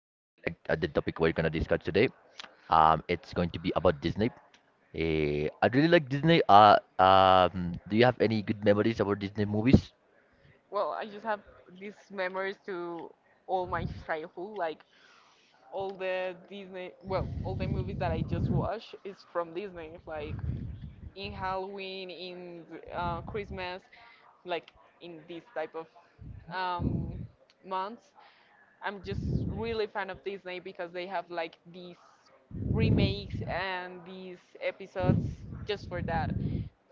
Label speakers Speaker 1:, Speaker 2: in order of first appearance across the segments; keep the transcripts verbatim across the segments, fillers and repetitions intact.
Speaker 1: I really like uh, the topic we're gonna discuss today. Um, it's going to be about Disney. Uh, I really like Disney. Uh, um, do you have any good memories about Disney movies?
Speaker 2: Well, I just have these memories to all my childhood, like all the Disney, well, all the movies that I just watched is from Disney, like in Halloween, in uh, Christmas, like in this type of um, months. I'm just really a fan of Disney because they have like these remakes and these episodes just for that.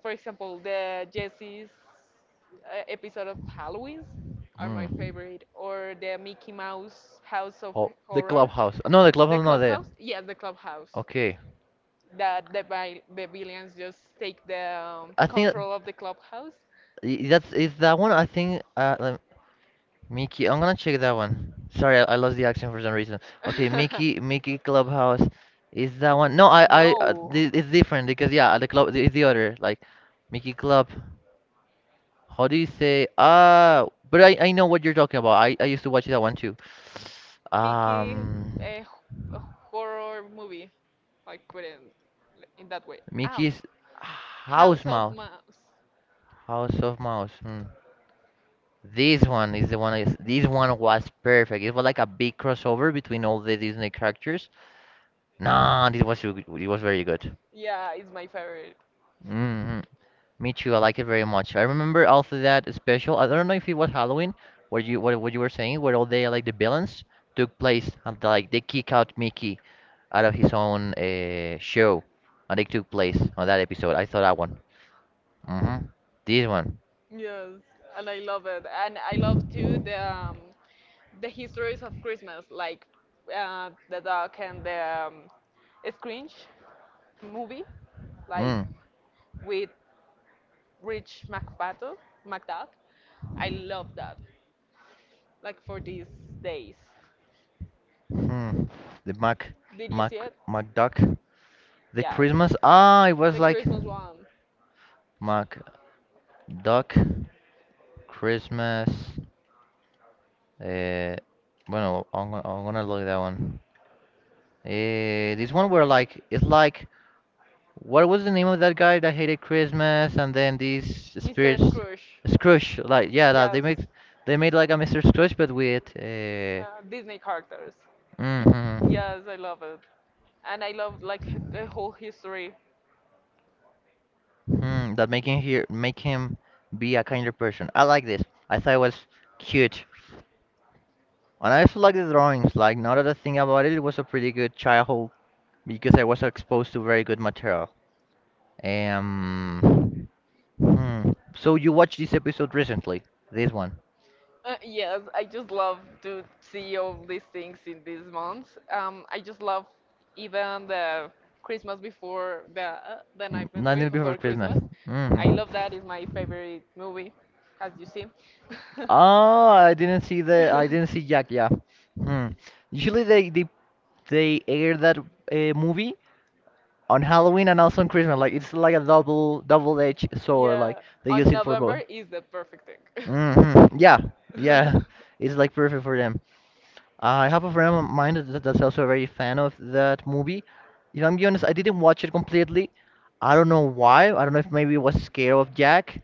Speaker 2: For example, the Jesse's uh, episode of Halloween's are
Speaker 1: Hmm.
Speaker 2: my favorite, or the Mickey Mouse House of
Speaker 1: Oh, the
Speaker 2: Horror,
Speaker 1: clubhouse. No, the
Speaker 2: the
Speaker 1: clubhouse not there.
Speaker 2: Clubhouse. Yeah, the Clubhouse.
Speaker 1: Okay.
Speaker 2: That the vi- the villains just take the um,
Speaker 1: I think.
Speaker 2: control of the clubhouse.
Speaker 1: Y- That's is that one. I think. Uh, let, Mickey. I'm gonna check that one. Sorry, I, I lost the accent for some reason. Okay, Mickey. Mickey Clubhouse. Is that one? No, I. I. Uh,
Speaker 2: No.
Speaker 1: thi- it's different because yeah, the club is the other. Like, Mickey Club. How do you say? Ah, but I. I know what you're talking about. I. I used to watch that one too.
Speaker 2: Mickey
Speaker 1: Um,
Speaker 2: a horror movie. I put it in, in that way. Oh,
Speaker 1: Mickey's
Speaker 2: House
Speaker 1: House
Speaker 2: of
Speaker 1: Mouse.
Speaker 2: Mouse.
Speaker 1: House of Mouse. Hmm. This one is the one. Is, this one was perfect. It was like a big crossover between all the Disney characters. Nah, this was u- it was very good.
Speaker 2: Yeah, it's my favorite.
Speaker 1: Hmm, me too. I like it very much. I remember also that special. I don't know if it was Halloween, where you what, what you were saying, where all the like the villains took place and like they kick out Mickey out of his own uh, show, and they took place on that episode. I saw that one. Hmm. This one.
Speaker 2: Yes, and I love it. And I love too the um, the histories of Christmas, like uh, the Duck and the um, Scrooge movie, like
Speaker 1: Mm.
Speaker 2: with Rich McPato, McDuck. I love that. Like for these days.
Speaker 1: Hmm. The Mac,
Speaker 2: Did you
Speaker 1: Mac,
Speaker 2: see it?
Speaker 1: Mac Duck. The
Speaker 2: Yes.
Speaker 1: Christmas. Ah, it was
Speaker 2: The
Speaker 1: like
Speaker 2: Christmas one.
Speaker 1: Mac Duck Christmas. Uh, Bueno, I'm gonna, I'm gonna look at that one. Uh, this one where like it's like what was the name of that guy that hated Christmas and then these
Speaker 2: Mister
Speaker 1: spirits
Speaker 2: Scrooge.
Speaker 1: Scrooge like yeah that they
Speaker 2: Yes.
Speaker 1: make they made like a Mister Scrooge but with uh,
Speaker 2: Uh, Disney characters.
Speaker 1: mm-hmm.
Speaker 2: Yes, I love it. And I love like h- the whole history.
Speaker 1: Hmm, that make him here make him be a kinder person. I like this. I thought it was cute. And I also like the drawings. Like now that I think about it, it was a pretty good childhood because I was exposed to very good material. Um, hmm. So you watched this episode recently? This one.
Speaker 2: Uh, yes, I just love to see all these things in these months. Um, I just love even the Christmas before the uh, the
Speaker 1: N-
Speaker 2: night
Speaker 1: Nightmare Before
Speaker 2: before
Speaker 1: Christmas.
Speaker 2: Christmas.
Speaker 1: Hmm.
Speaker 2: I love that. It's my favorite movie, as you see.
Speaker 1: Oh, I didn't see the I didn't see Jack. Yeah. Hmm. Usually they they they air that uh, movie on Halloween and also on Christmas. Like it's like a double double-edged sword. Like
Speaker 2: Yeah,
Speaker 1: they use
Speaker 2: on
Speaker 1: it for both.
Speaker 2: November is the perfect thing.
Speaker 1: Hmm. Yeah,
Speaker 2: Yeah.
Speaker 1: yeah, it's like perfect for them. I have a friend of mine that, that's also a very fan of that movie. If I'm being honest, I didn't watch it completely. I don't know why. I don't know if maybe I was scared of Jack,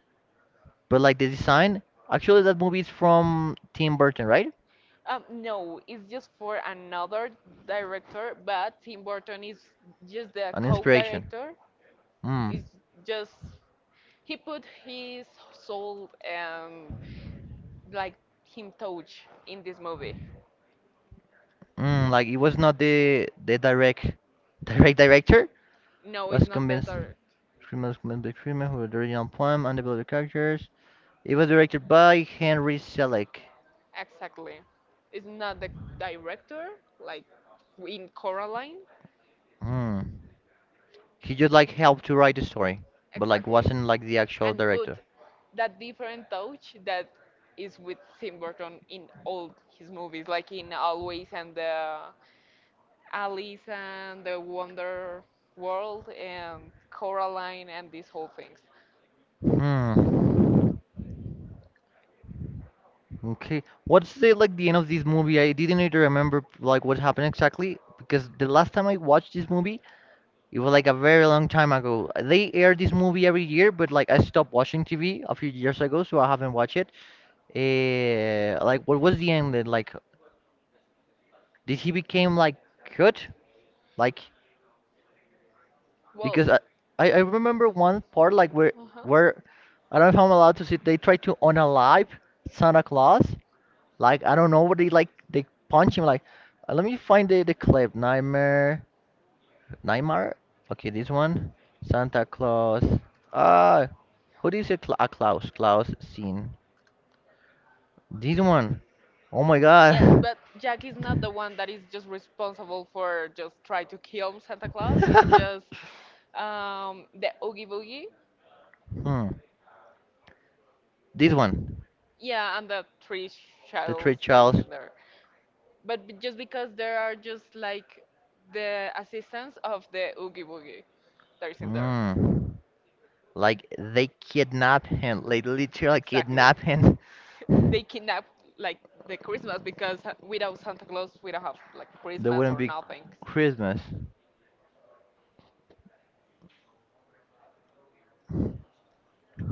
Speaker 1: but like the design, actually that movie is from Tim Burton, right?
Speaker 2: um, no, it's just for another director, but Tim Burton is just the
Speaker 1: An inspiration.
Speaker 2: co-director.
Speaker 1: Mm.
Speaker 2: It's just he put his soul and like him touch in this movie.
Speaker 1: Mm, like it was not the the direct direct director
Speaker 2: No, it's
Speaker 1: was
Speaker 2: not the
Speaker 1: convinced
Speaker 2: director.
Speaker 1: Freeman was convinced by Freeman who wrote the original poem and developed the characters. It was directed by Henry Selick.
Speaker 2: Exactly, it's not the director like in Coraline.
Speaker 1: Mm. He just like helped to write the story, but like
Speaker 2: Exactly.
Speaker 1: wasn't like the actual
Speaker 2: And put
Speaker 1: director.
Speaker 2: that different touch that is with Tim Burton in all his movies, like in Always and the Alice and the Wonder World and Coraline and these whole things.
Speaker 1: Hmm. Okay. What's the like the end of this movie? I didn't even remember like what happened exactly because the last time I watched this movie, it was like a very long time ago. They air this movie every year, but like I stopped watching T V a few years ago, so I haven't watched it. Uh, like what was the end? Like did he became like good? Like
Speaker 2: Well,
Speaker 1: because I I I remember one part like where
Speaker 2: where, uh-huh.
Speaker 1: where I don't know if I'm allowed to see. They tried to unalive Santa Claus. Like I don't know what they like. They punch him like. Uh, let me find the the clip. Nightmare, Nightmare. Okay, this one. Santa Claus. Ah, who do you say? Cla- uh, Klaus. Klaus scene. This one. Oh my
Speaker 2: Yes,
Speaker 1: God.
Speaker 2: but Jack is not the one that is just responsible for just try to kill Santa Claus. It's just um, the Oogie Boogie.
Speaker 1: hmm. This one.
Speaker 2: Yeah, and the three
Speaker 1: The three
Speaker 2: shells that is
Speaker 1: Charles.
Speaker 2: in there. But b- just because there are just like the assistants of the Oogie Boogie that is in there.
Speaker 1: Hmm. Like they kidnap him. Like literally
Speaker 2: Exactly.
Speaker 1: kidnap him.
Speaker 2: They kidnap like the Christmas because ha- without Santa Claus we don't have like
Speaker 1: There
Speaker 2: Christmas
Speaker 1: wouldn't
Speaker 2: or
Speaker 1: be
Speaker 2: nothing.
Speaker 1: Christmas.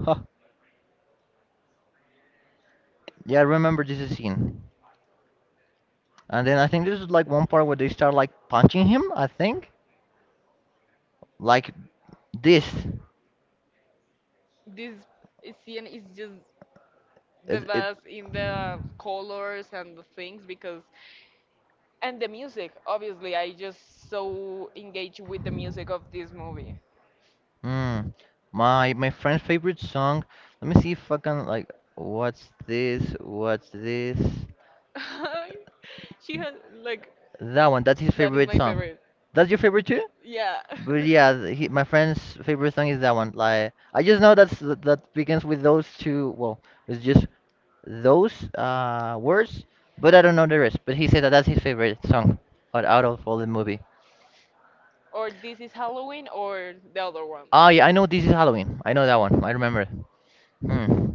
Speaker 1: Huh. Yeah, I remember this scene. And then I think this is like one part where they start like punching him, I think. Like this.
Speaker 2: This scene is just
Speaker 1: It,
Speaker 2: the
Speaker 1: it,
Speaker 2: best in the colors and the things because and the music obviously I just so engaged with the music of this movie.
Speaker 1: mm. My my friend's favorite song. Let me see if I can like what's this? What's this?
Speaker 2: She has like
Speaker 1: That one, that's his
Speaker 2: that is
Speaker 1: favorite
Speaker 2: my
Speaker 1: song.
Speaker 2: favorite.
Speaker 1: That's your favorite too?
Speaker 2: Yeah.
Speaker 1: But yeah, th- he, my friend's favorite song is that one. Like I just know that's th- that begins with those two. Well, it's just those uh words, but I don't know the rest. But he said that that's his favorite song out, out of all the movie.
Speaker 2: or This is Halloween or the other one.
Speaker 1: Ah, yeah, I know this is Halloween. I know that one. I remember it. Hmm.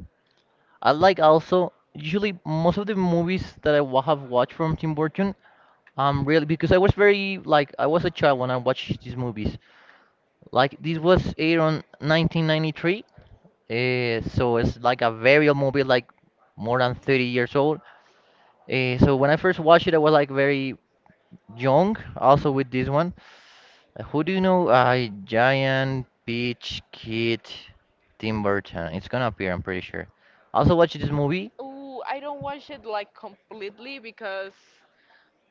Speaker 1: I like also usually most of the movies that I wa- have watched from Tim Burton. Um, really because I was very like I was a child when I watched these movies. Like this was aired on nineteen ninety-three. Uh, so it's like a very old movie, like more than thirty years old. Uh, so when I first watched it, I was like very young, also with this one. Uh, Who do you know? Uh, Giant Peach Kid Tim Burton. It's gonna appear, I'm pretty sure. Also watched this movie,
Speaker 2: Ooh, I don't watch it like completely because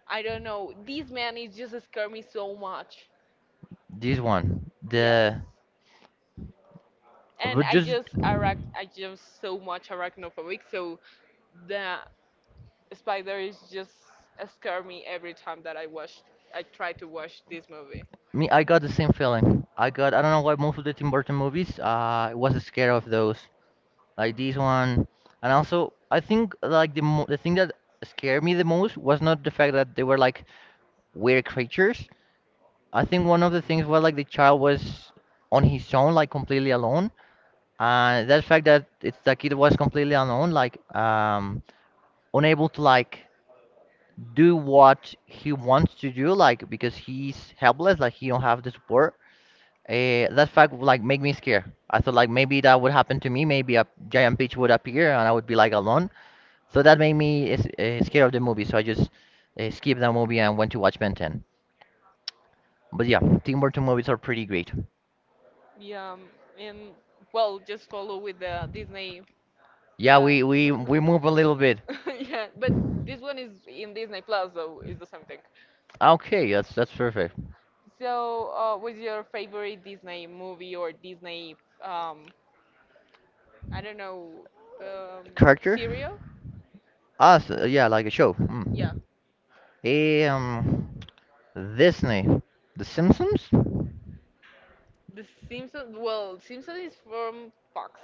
Speaker 2: I don't know. This man is just scare me so much.
Speaker 1: this one.
Speaker 2: Yes.
Speaker 1: The
Speaker 2: And
Speaker 1: but
Speaker 2: I
Speaker 1: just
Speaker 2: just arach I just so much arachnophobic, so the spider is just scare me every time that I watch I try to watch this movie.
Speaker 1: Me, I got the same feeling. I got I don't know why most of the Tim Burton movies, uh, I was scared of those. Like this one. And also, I think like the mo the thing that scared me the most was not the fact that they were like weird creatures. I think one of the things was like the child was on his own, like completely alone. And that fact that it's the kid was completely alone, like um, unable to like do what he wants to do, like because he's helpless, like he don't have the support. Uh, that fact would, like make me scared. I thought like maybe that would happen to me. Maybe a giant peach would appear and I would be like alone. So that made me s- uh, scared of the movie. So I just uh, skipped that movie and went to watch Ben ten. But yeah, Tim Burton movies are pretty great.
Speaker 2: Yeah, um, and well, just follow with the Disney.
Speaker 1: Yeah,
Speaker 2: Yeah.
Speaker 1: we we we move a little bit.
Speaker 2: Yeah, but this one is in Disney Plus, so it's the same thing.
Speaker 1: Okay, that's that's perfect.
Speaker 2: So, uh, what's your favorite Disney movie or Disney, um, I don't know, um,
Speaker 1: Character?
Speaker 2: serial?
Speaker 1: Ah, so, yeah, like a show.
Speaker 2: Yeah,
Speaker 1: Mm. Um, Disney, The Simpsons,
Speaker 2: The Simpsons. Well, Simpsons is from Fox.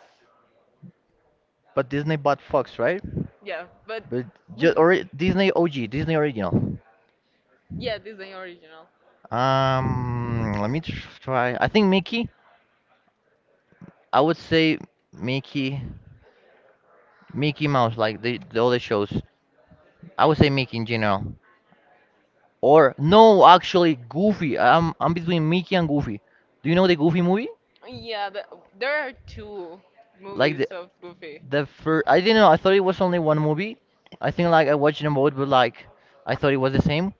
Speaker 1: but Disney bought Fox, right?
Speaker 2: Yeah, but
Speaker 1: But just or Disney O G, Disney original.
Speaker 2: yeah, Disney original.
Speaker 1: Um, let me tr- Try. I think Mickey. I would say Mickey. Mickey Mouse, like the, the other shows. I would say Mickey in general. Or no, actually Goofy. I'm I'm between Mickey and Goofy. Do you know the Goofy movie?
Speaker 2: Yeah, the, there are two
Speaker 1: Like
Speaker 2: movies
Speaker 1: the
Speaker 2: of Goofy.
Speaker 1: the first. I didn't know. I thought it was only one movie. I think like I watched them both, but like I thought it was the same.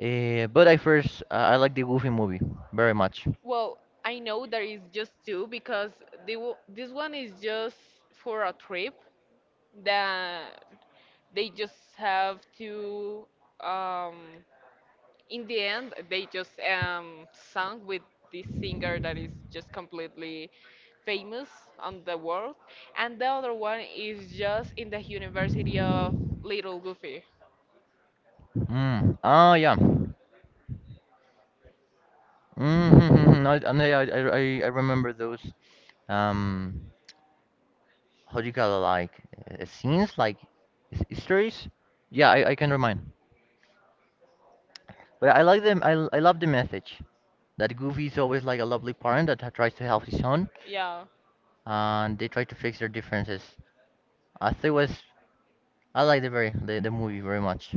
Speaker 1: Uh, but I first uh, I like the Goofy movie very much.
Speaker 2: Well, I know there is just two because they w this one is just for a trip that they just have to um in the end they just um sung with this singer that is just completely famous on the world and the other one is just in the University of Little Goofy.
Speaker 1: Mm. Oh yeah. Mm-hmm. Mm-hmm. I, I I I I remember those. Um. how do you call it like uh, scenes like his- Histories, yeah, I, I can remind, but I like them. I, l- I love the message that goofy is always like a lovely parent that ha- tries to help his son
Speaker 2: Yeah.
Speaker 1: and they try to fix their differences. I think it was I like the very the, the movie very much.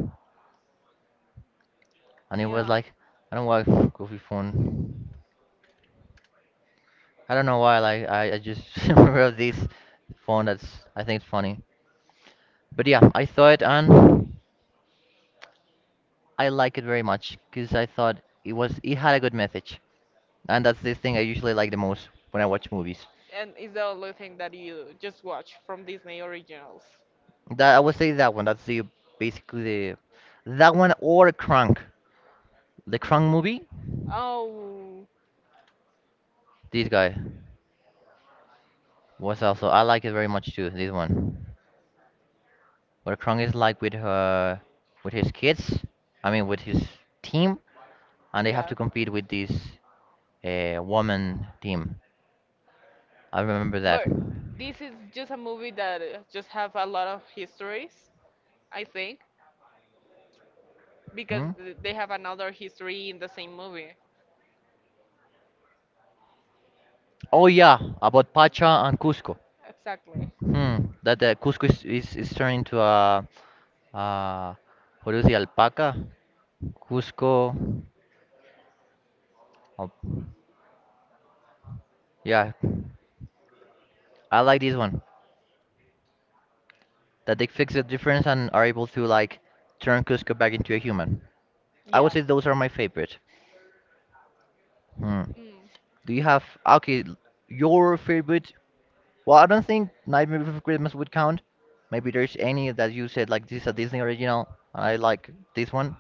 Speaker 1: And it was
Speaker 2: Yeah.
Speaker 1: like I don't like goofy phone. I don't know why like i, I just remember of this phone that's I think it's funny. But yeah I saw it and I like it very much because I thought it was it had a good message. And that's the thing I usually like the most when I watch movies.
Speaker 2: And it's the only thing that you just watch from Disney originals.
Speaker 1: That I would say that one. That's the basically the that one or Crank. The Crank movie.
Speaker 2: Oh.
Speaker 1: This guy was also I like it very much too. This one where Crank is like with her with his kids. I mean with his team, and they have
Speaker 2: Yeah.
Speaker 1: to compete with this uh, woman team. I remember that.
Speaker 2: But this is just a movie that uh, just have a lot of histories, I think, because
Speaker 1: Hmm?
Speaker 2: th- they have another history in the same movie.
Speaker 1: Oh yeah, about Pacha and Cusco.
Speaker 2: Exactly.
Speaker 1: Hmm. That uh, Cusco is, is is turned into a uh, what do you say, alpaca, Cusco. Oh, yeah, I like this one that they fix the difference and are able to like turn Cusco back into a human. I
Speaker 2: Yeah.
Speaker 1: would say those are my favorite. Hmm.
Speaker 2: Mm.
Speaker 1: Do you have okay l- your favorite? Well, I don't think Nightmare Before Christmas would count. Maybe there's any that you said like this is a Disney original. I like this one.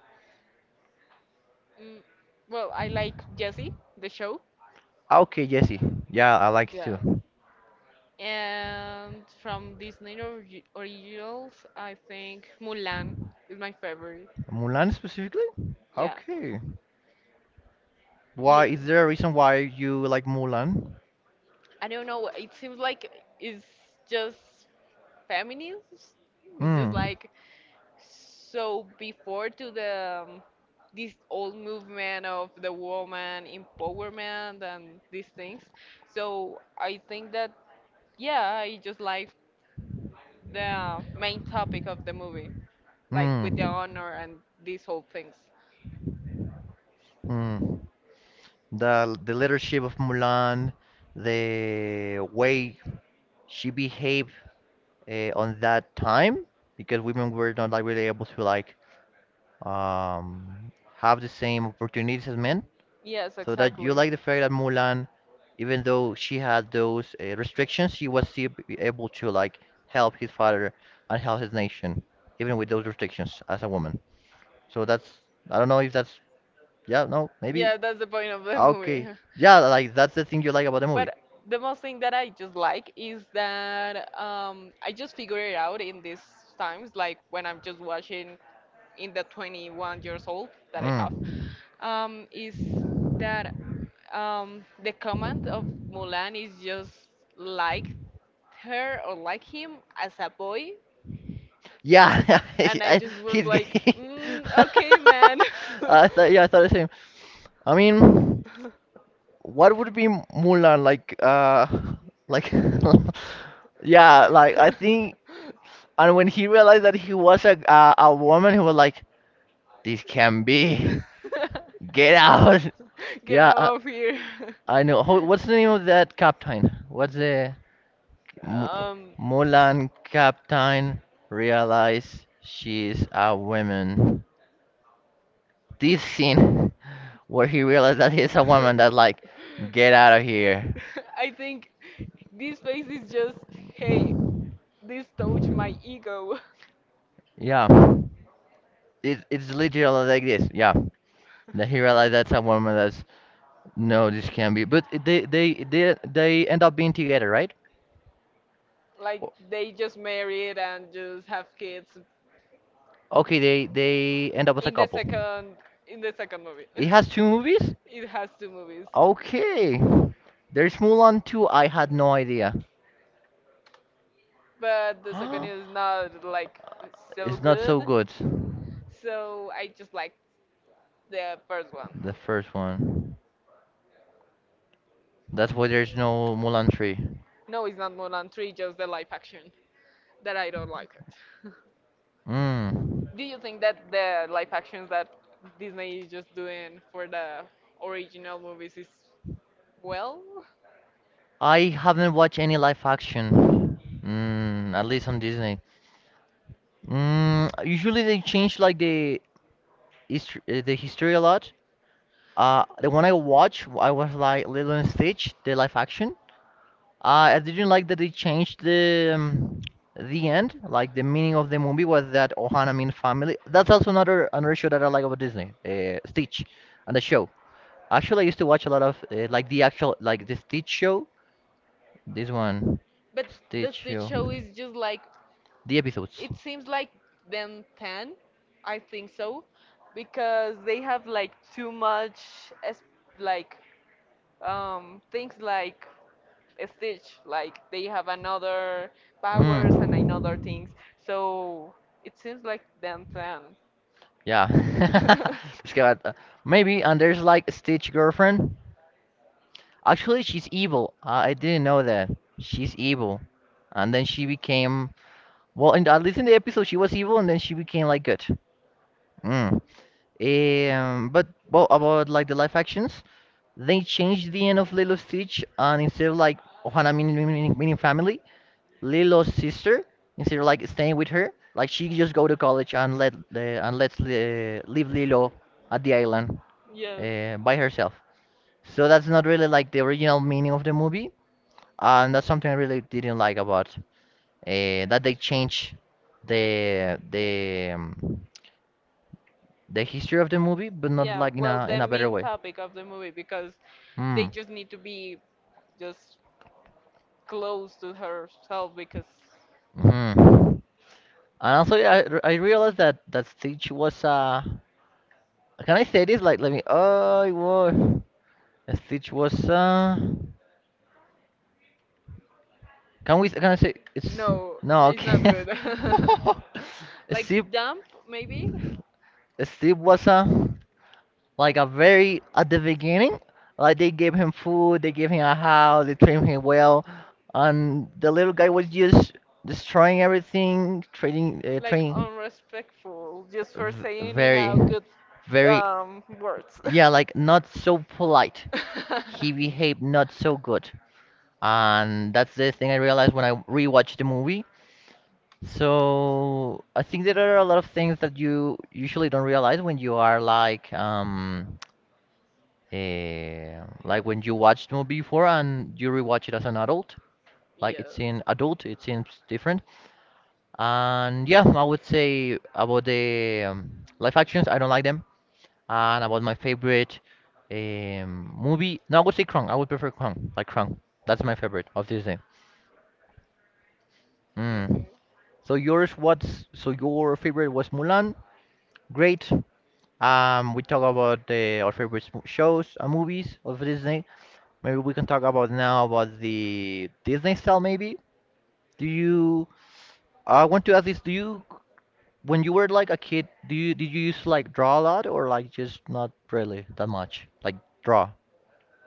Speaker 2: Mm. Well, I like Jesse, the show.
Speaker 1: Okay, Jesse. Yeah, I like it
Speaker 2: Yeah.
Speaker 1: too.
Speaker 2: And from Disney orig- originals, I think Mulan is my favorite.
Speaker 1: Mulan specifically?
Speaker 2: Yeah.
Speaker 1: Okay. Why
Speaker 2: Yeah.
Speaker 1: is there a reason why you like Mulan?
Speaker 2: I don't know. It seems like it's just feminists. It's just
Speaker 1: Mm,
Speaker 2: like so before to the um, this old movement of the woman empowerment and these things. So I think that yeah, I just like the main topic of the movie, like
Speaker 1: mm,
Speaker 2: with the honor and these whole things.
Speaker 1: mm. The the leadership of Mulan, the way she behaved uh, on that time, because women were not like really able to like um have the same opportunities as men.
Speaker 2: Yes,
Speaker 1: So that you
Speaker 2: exactly.
Speaker 1: like the fact that Mulan, even though she had those uh, restrictions, she was still be- able to like help his father and help his nation, even with those restrictions as a woman. So that's I don't know if that's yeah no maybe.
Speaker 2: Yeah, that's the point of the movie.
Speaker 1: Okay, yeah, like that's the thing you like about the movie.
Speaker 2: But the most thing that I just like is that um, I just figured it out in these times, like when I'm just watching in the twenty-one years old that I have,
Speaker 1: Mm.
Speaker 2: um, is that um, the comment of Mulan is just like her or like him as a boy,
Speaker 1: Yeah,
Speaker 2: and I
Speaker 1: I,
Speaker 2: just was
Speaker 1: he's
Speaker 2: like,
Speaker 1: gay.
Speaker 2: mm, okay, man.
Speaker 1: I thought, yeah, I thought the same. I mean, what would be Mulan like? Uh, like, yeah, like I think. And when he realized that he was a a, a woman, he was like, "This can be. Get out."
Speaker 2: Get
Speaker 1: Yeah. uh,
Speaker 2: out of here.
Speaker 1: I know. How, what's the name of that captain? What's the Mo-
Speaker 2: Um,
Speaker 1: Mulan captain realize she's a woman? This scene where he realized that he's a woman that like get out of here.
Speaker 2: I think this face is just, hey, this touched my ego.
Speaker 1: Yeah. It, it's literally like this. Yeah. That he realized that's a woman that's no this can't be. But it- they they they they end up being together, right?
Speaker 2: Like
Speaker 1: O-
Speaker 2: they just married and just have kids
Speaker 1: Okay, they they end up as a
Speaker 2: in the
Speaker 1: couple.
Speaker 2: second in the second movie.
Speaker 1: It has two movies?
Speaker 2: It has two movies,
Speaker 1: Okay. There's Mulan two, I had no idea.
Speaker 2: but the second is not like so
Speaker 1: It's not so
Speaker 2: good.
Speaker 1: good,
Speaker 2: So I just like the first one.
Speaker 1: the first one. That's why there's no Mulan three.
Speaker 2: No, it's not Mulan three, just the live action that I don't like it.
Speaker 1: Mm.
Speaker 2: Do you think that the live actions that Disney is just doing for the original movies is well?
Speaker 1: I haven't watched any live action. Mm, at least on Disney. Mm, usually they change like the hist- uh, the history a lot. Uh, the one I watched, I was like Lilo and Stitch, the live action. Uh, I didn't like that they changed the um, the end. Like the meaning of the movie was that Ohana means family. That's also another another show that I like about Disney, uh, Stitch, and the show. Actually, I used to watch a lot of uh, like the actual like the Stitch show. This one,
Speaker 2: But the
Speaker 1: Stitch
Speaker 2: Stitch
Speaker 1: show,
Speaker 2: show is just like
Speaker 1: the episodes.
Speaker 2: it seems like them ten, I think so, because they have like too much as like um things like a Stitch, like they have another powers and another
Speaker 1: Mm.
Speaker 2: things. So it seems like them ten.
Speaker 1: Yeah. Just give it- Maybe, and there's like Stitch girlfriend. Actually, she's evil. Uh, I didn't know that. She's evil. And then she became, well, in, at least in the episode, she was evil and then she became like good. Mm. Um, but, well, about like the live actions, they changed the end of Lilo Stitch, and instead of like Ohana meaning, meaning, meaning family, Lilo's sister instead of like staying with her. Like she just go to college and let the and let's uh, leave Lilo at the island
Speaker 2: Yes.
Speaker 1: uh, by herself. So that's not really like the original meaning of the movie, and that's something I really didn't like about uh, that they change the the um, the history of the movie, but not
Speaker 2: Yeah,
Speaker 1: like in
Speaker 2: well,
Speaker 1: a
Speaker 2: the
Speaker 1: in a better
Speaker 2: main
Speaker 1: way.
Speaker 2: topic of the movie because they
Speaker 1: Mm.
Speaker 2: just need to be just close to herself because
Speaker 1: hmm And also, yeah, I, r- I realized that that Stitch was uh, can I say this? Like, let me. Oh, it was. Stitch was uh can we can I say it's
Speaker 2: no,
Speaker 1: no
Speaker 2: it's not
Speaker 1: okay.
Speaker 2: good. Like
Speaker 1: Steve
Speaker 2: dump maybe,
Speaker 1: Steve was uh like a
Speaker 2: mm.
Speaker 1: very at the beginning like they gave him food, they gave him a house, they treated him well, and the little guy was just destroying everything, trading uh,
Speaker 2: Like
Speaker 1: trading
Speaker 2: unrespectful just for
Speaker 1: v-
Speaker 2: saying in
Speaker 1: very
Speaker 2: a good
Speaker 1: very,
Speaker 2: um words.
Speaker 1: yeah, like not so polite. He behaved not so good, and that's the thing I realized when I rewatched the movie. So I think there are a lot of things that you usually don't realize when you are like um eh, like when you watched the movie before and you rewatch it as an adult. Like it's in
Speaker 2: yeah.
Speaker 1: adult, it seems different. And yeah, I would say about the um, live actions, I don't like them. And about my favorite um, movie, no, I would say Krong. I would prefer Krong, like Krong. That's my favorite of Disney.
Speaker 2: It's
Speaker 1: Mm.
Speaker 2: okay.
Speaker 1: So yours, what's so your favorite was Mulan? Great. Um, we talk about uh, our favorite sm- shows and movies of Disney. Maybe we can talk about now about the Disney style. Maybe do you? I want to ask this. Do you, when you were like a kid, do you did you used to like draw a lot or like just not really that much? Like draw,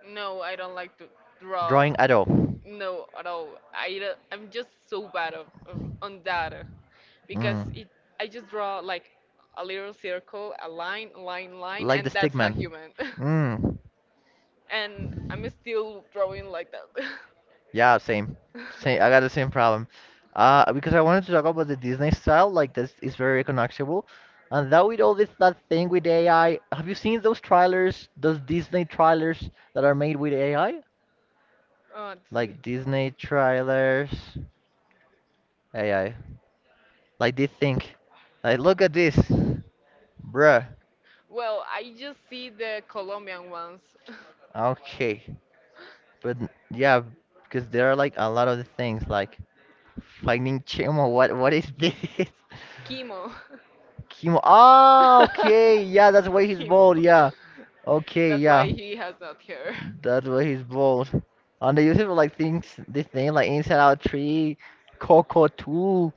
Speaker 2: No, I don't like to drawing
Speaker 1: drawing
Speaker 2: draw.
Speaker 1: at all.
Speaker 2: Drawing no, at all. I don't- I'm just so bad of, of- on that because
Speaker 1: Mm.
Speaker 2: it I just draw like a little circle, a line, line, line,
Speaker 1: Like the
Speaker 2: and that's a
Speaker 1: stickman.
Speaker 2: human.
Speaker 1: Mm.
Speaker 2: And I'm still drawing like that. Say,
Speaker 1: Yeah, same. Same. I got the same problem. Uh, because I wanted to talk about the Disney style, like this is very recognizable. And that with all this that thing with A I, have you seen those trailers, those Disney trailers that are made with A I?
Speaker 2: oh, does it
Speaker 1: Like
Speaker 2: draw?
Speaker 1: Disney trailers, A I. Like this thing. Like look at this, bruh.
Speaker 2: Well, I just see the Colombian ones.
Speaker 1: Okay, but n- yeah, because there are like a lot of the things like finding Chimo. What what is this?
Speaker 2: Chemo. Chemo.
Speaker 1: Kimo. Ah, okay. Yeah, that's why he's
Speaker 2: Chemo.
Speaker 1: bald. Yeah. Okay.
Speaker 2: That's why
Speaker 1: Yeah,
Speaker 2: he has not hair.
Speaker 1: that's why he's bald. And they use it for like things. This thing like Inside Out Three, Coco Two.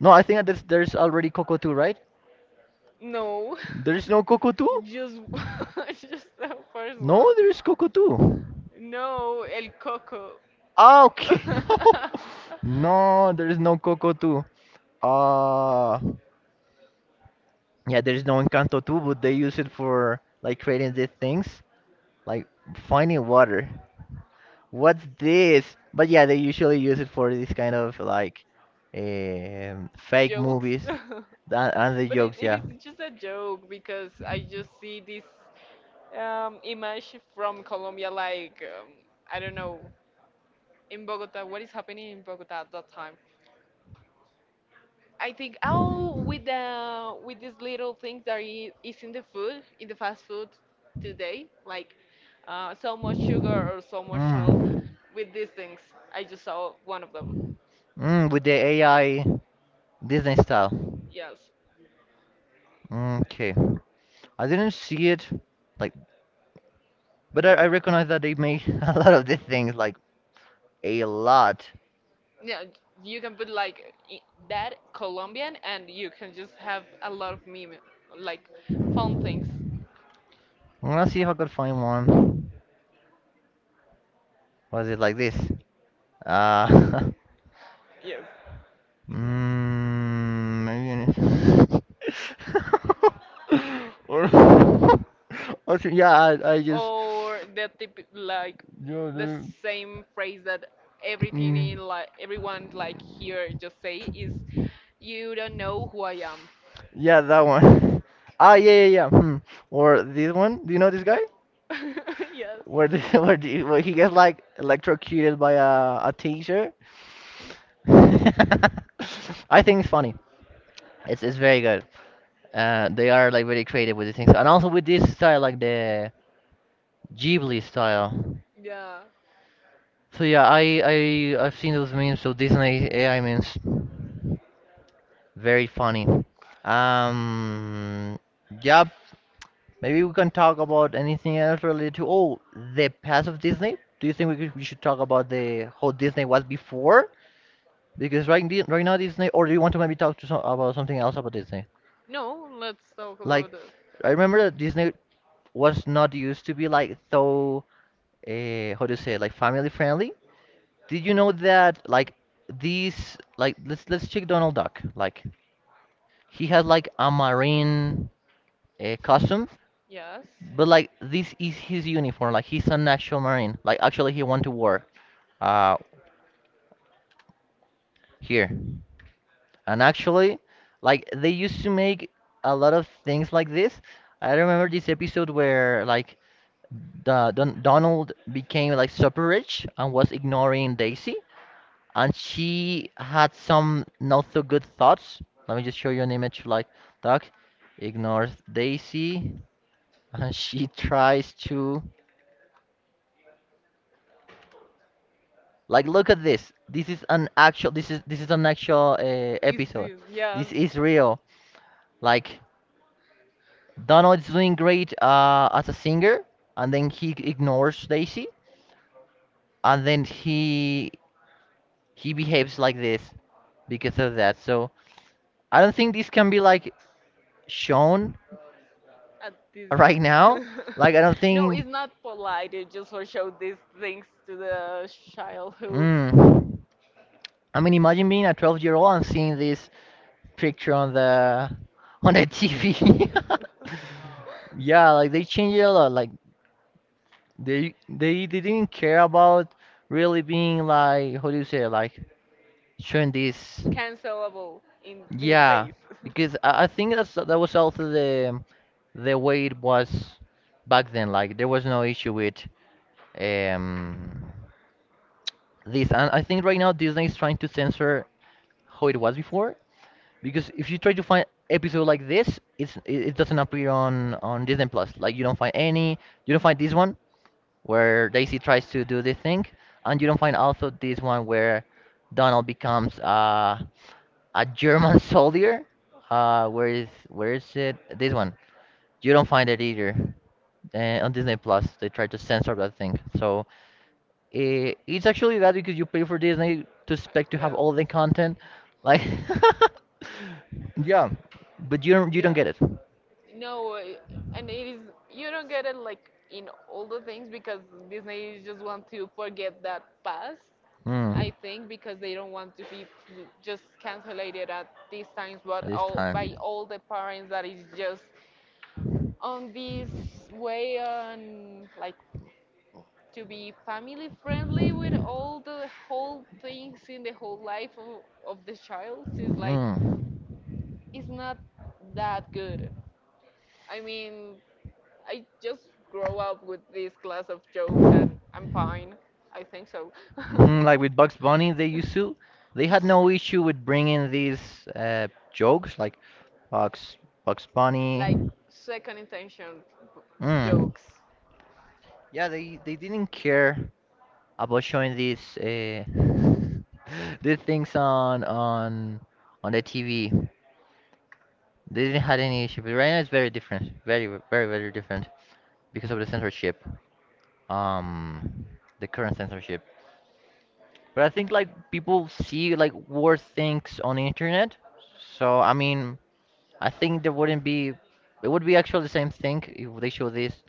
Speaker 1: No, I think that there's, there's already Coco Two, right?
Speaker 2: No,
Speaker 1: There's no Coco Two.
Speaker 2: just just the first one.
Speaker 1: No, there is Coco Two.
Speaker 2: No, El Coco.
Speaker 1: Ah, okay. No, there is no Coco Two. Uh, yeah, there is no Encanto Two, but they use it for like creating these things, like finding water. What's this? But yeah, they usually use it for this kind of like um, fake
Speaker 2: Jokes.
Speaker 1: movies and, and the
Speaker 2: But it,
Speaker 1: jokes.
Speaker 2: it
Speaker 1: Yeah.
Speaker 2: is just a joke because I just see this um, image from Colombia, like, um, I don't know, in Bogota, what is happening in Bogota at that time? I think oh with the with these little things that i- is in the food in the fast food today like uh, so much sugar or so much salt
Speaker 1: Mm.
Speaker 2: with these things I just saw one of them.
Speaker 1: Mm, with the A I Disney style.
Speaker 2: Yes.
Speaker 1: Okay. I didn't see it, like, but I, I recognize that they make a lot of these things, like, a lot.
Speaker 2: Yeah, you can put like i- that Colombian and you can just have a lot of meme like fun things
Speaker 1: I'm gonna see if I could find one. Was it like this? Uh, Mm, maybe. Viene. Or, or so- yeah, I, I just.
Speaker 2: or the tip like
Speaker 1: Yeah,
Speaker 2: the
Speaker 1: the-
Speaker 2: same phrase that everything
Speaker 1: Mm.
Speaker 2: in like everyone like here just say is you don't know who I am.
Speaker 1: Yeah, that one. Ah, yeah, yeah, yeah. Hmm. Or this one. Do you know this guy?
Speaker 2: Yes.
Speaker 1: Where the, where, the, where he gets like electrocuted by a a taser. I think it's funny. It's it's very good. Uh, they are like very creative with these things, and also with this style, like the Ghibli style.
Speaker 2: Yeah.
Speaker 1: So yeah, I I I've seen those memes. So Disney A I memes, very funny. Um, yeah, maybe we can talk about anything else related to oh the past of Disney. Do you think we could, we should talk about the how Disney was before? Because right di- right now Disney, or do you want to maybe talk to some, about something else about Disney?
Speaker 2: No, let's talk about
Speaker 1: Like,
Speaker 2: it.
Speaker 1: I remember that Disney was not used to be like so uh, how to say like family friendly. Did you know that like these like let's let's check Donald Duck. Like he had like a marine uh, costume,
Speaker 2: Yes.
Speaker 1: but like this is his uniform. Like he's an actual marine. Like actually he went to war uh here, and actually like they used to make a lot of things like this. I remember this episode where like the Don Donald became like super rich and was ignoring Daisy, and she had some not so good thoughts. Let me just show you an image like Doc ignores Daisy and she tries to like look at this. This is an actual this is this is an actual uh,
Speaker 2: Is
Speaker 1: episode.
Speaker 2: yes.
Speaker 1: This is real. Like Donald is doing great uh, as a singer, and then he ignores Daisy, and then he he behaves like this because of that. So I don't think this can be like shown
Speaker 2: At this
Speaker 1: right
Speaker 2: days.
Speaker 1: now. Like I don't
Speaker 2: No,
Speaker 1: think.
Speaker 2: it's not polite. You just for show these things to the childhood.
Speaker 1: Mm. I mean, imagine being a twelve year old and seeing this picture on the on the T V. Yeah, like they changed it a lot. Like they they they didn't care about really being like how do you say it? Like showing this.
Speaker 2: Cancelable in these
Speaker 1: Yeah,
Speaker 2: days.
Speaker 1: because I, I think that's that was also the the way it was back then. Like there was no issue with um this, and I think right now Disney is trying to censor how it was before, because if you try to find episode like this, it's it it doesn't appear on on Disney Plus, like you don't find any. You don't find this one where Daisy tries to do this thing, and you don't find also this one where Donald becomes uh, a german soldier. Uh where is where is it this one? You don't find it either, uh, on Disney Plus they try to censor that thing. So eh, it's actually that because you pay for Disney to expect to have
Speaker 2: Yes.
Speaker 1: all the content. Like, yeah, but you don't you don't
Speaker 2: Yeah.
Speaker 1: get it.
Speaker 2: No, uh, and it is you don't get it like in all the things because Disney just want to forget that past. I
Speaker 1: Mm,
Speaker 2: think because they don't want to be p- just cancelated at these times,
Speaker 1: at
Speaker 2: but
Speaker 1: this
Speaker 2: all by
Speaker 1: time.
Speaker 2: all the parents that is just on this way on like to be family friendly with all the whole things in the whole life of, of the child is like
Speaker 1: Mm.
Speaker 2: it's not that good. I mean, I just grow up with this class of jokes and I'm fine. I think so.
Speaker 1: Mhm, like with Bugs Bunny, they used to, they had no issue with bringing these uh, jokes like Bugs Bugs
Speaker 2: Like
Speaker 1: Bunny.
Speaker 2: second intention b-
Speaker 1: Mm.
Speaker 2: jokes.
Speaker 1: Yeah, they they didn't care about showing these uh, these things on on on the T V. They didn't had any issue, but right now it's very different, very very very different because of the censorship, um, the current censorship. But I think like people see like worse things on the internet. So I mean, I think there wouldn't be. It would be actually the same thing if they show this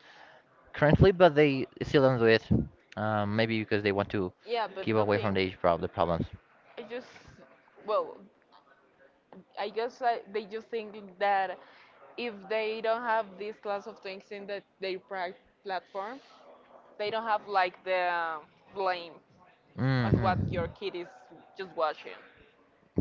Speaker 1: currently, but they still don't do it. Um, maybe because they want to
Speaker 2: Yeah, but
Speaker 1: keep
Speaker 2: the
Speaker 1: away from
Speaker 2: thing,
Speaker 1: the age prob the problems.
Speaker 2: I just, well, I guess I, they just think that if they don't have this class of things in the, their pri- platform, they don't have like the blame on what
Speaker 1: Hmm
Speaker 2: your kid is just watching.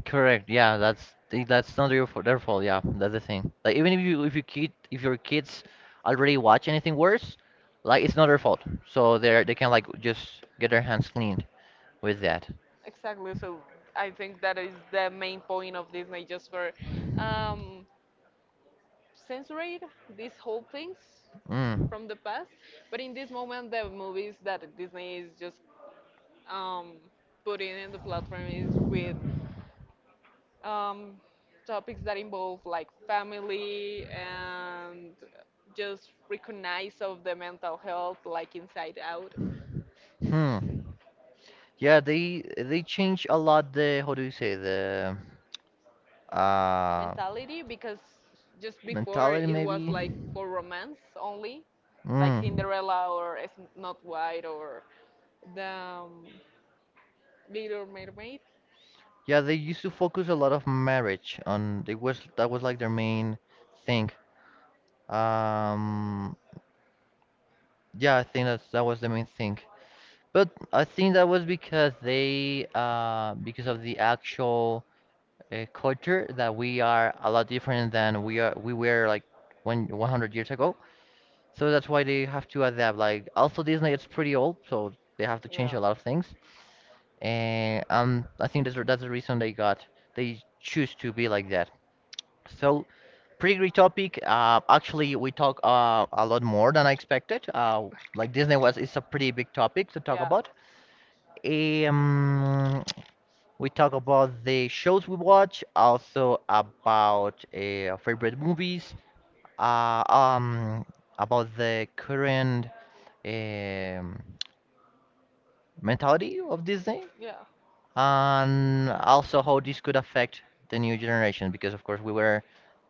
Speaker 1: Correct. Yeah, that's th- that's not your fault, their fault. Yeah, that's the thing. Like even if you if you kid if your kids already watch anything worse, like it's not their fault. So they are they can like just get their hands cleaned with that.
Speaker 2: Exactly. So I think that is the main point of Disney, just for um, censoring these whole things
Speaker 1: Mm.
Speaker 2: from the past. But in this moment, the movies that Disney is just um, putting in the platform is with um, topics that involve like family and just recognize of the mental health, like inside out.
Speaker 1: Hmm. Yeah, they they change a lot the how do you say the uh
Speaker 2: Mentality because just before
Speaker 1: mentality
Speaker 2: it
Speaker 1: maybe.
Speaker 2: was like for romance only, like
Speaker 1: Mm.
Speaker 2: Cinderella or Sn- Snow White or the um, Little Mermaid.
Speaker 1: Yeah, they used to focus a lot of marriage on they was that was like their main thing. Um, yeah, I think that's that was the main thing. But I think that was because they uh because of the actual uh, culture that we are a lot different than we are we were like when one hundred years ago. So
Speaker 2: So that's
Speaker 1: that's
Speaker 2: why
Speaker 1: why
Speaker 2: they
Speaker 1: they have to
Speaker 2: have
Speaker 1: adapt.
Speaker 2: like
Speaker 1: Like
Speaker 2: also
Speaker 1: also
Speaker 2: Disney
Speaker 1: Disney
Speaker 2: was
Speaker 1: it's
Speaker 2: pretty
Speaker 1: pretty
Speaker 2: old.
Speaker 1: old, so they
Speaker 2: They have
Speaker 1: have to change
Speaker 2: yeah
Speaker 1: a
Speaker 2: a
Speaker 1: lot
Speaker 2: lot of,
Speaker 1: of things. And um, I think that's the- that's the reason they got they choose to be like that. So pretty great topic. Uh, actually we talk uh, a lot more than I expected. Uh,
Speaker 2: like
Speaker 1: like Disney
Speaker 2: Disney was
Speaker 1: was
Speaker 2: it's
Speaker 1: it's
Speaker 2: a
Speaker 1: a
Speaker 2: pretty
Speaker 1: pretty
Speaker 2: big
Speaker 1: big
Speaker 2: topic.
Speaker 1: topic
Speaker 2: To
Speaker 1: to
Speaker 2: talk
Speaker 1: talk
Speaker 2: yeah, about.
Speaker 1: about. Um, We talk about the shows we watch, also about uh, favorite movies, uh, um, about the current um, mentality of Disney,
Speaker 2: Yeah,
Speaker 1: and also how this could affect the new generation. Because of course we were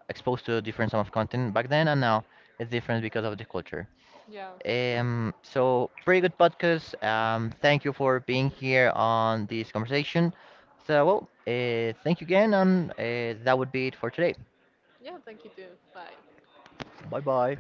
Speaker 1: exposed to a different sum of content back then, and now it's different because of the culture.
Speaker 2: yeah, exactly.
Speaker 1: Um, so pretty good podcast. Um, thank you for being here on this conversation. So, well, uh, thank you again, and uh, that would be it for today.
Speaker 2: Yeah, thank you too. Bye.
Speaker 1: Bye bye.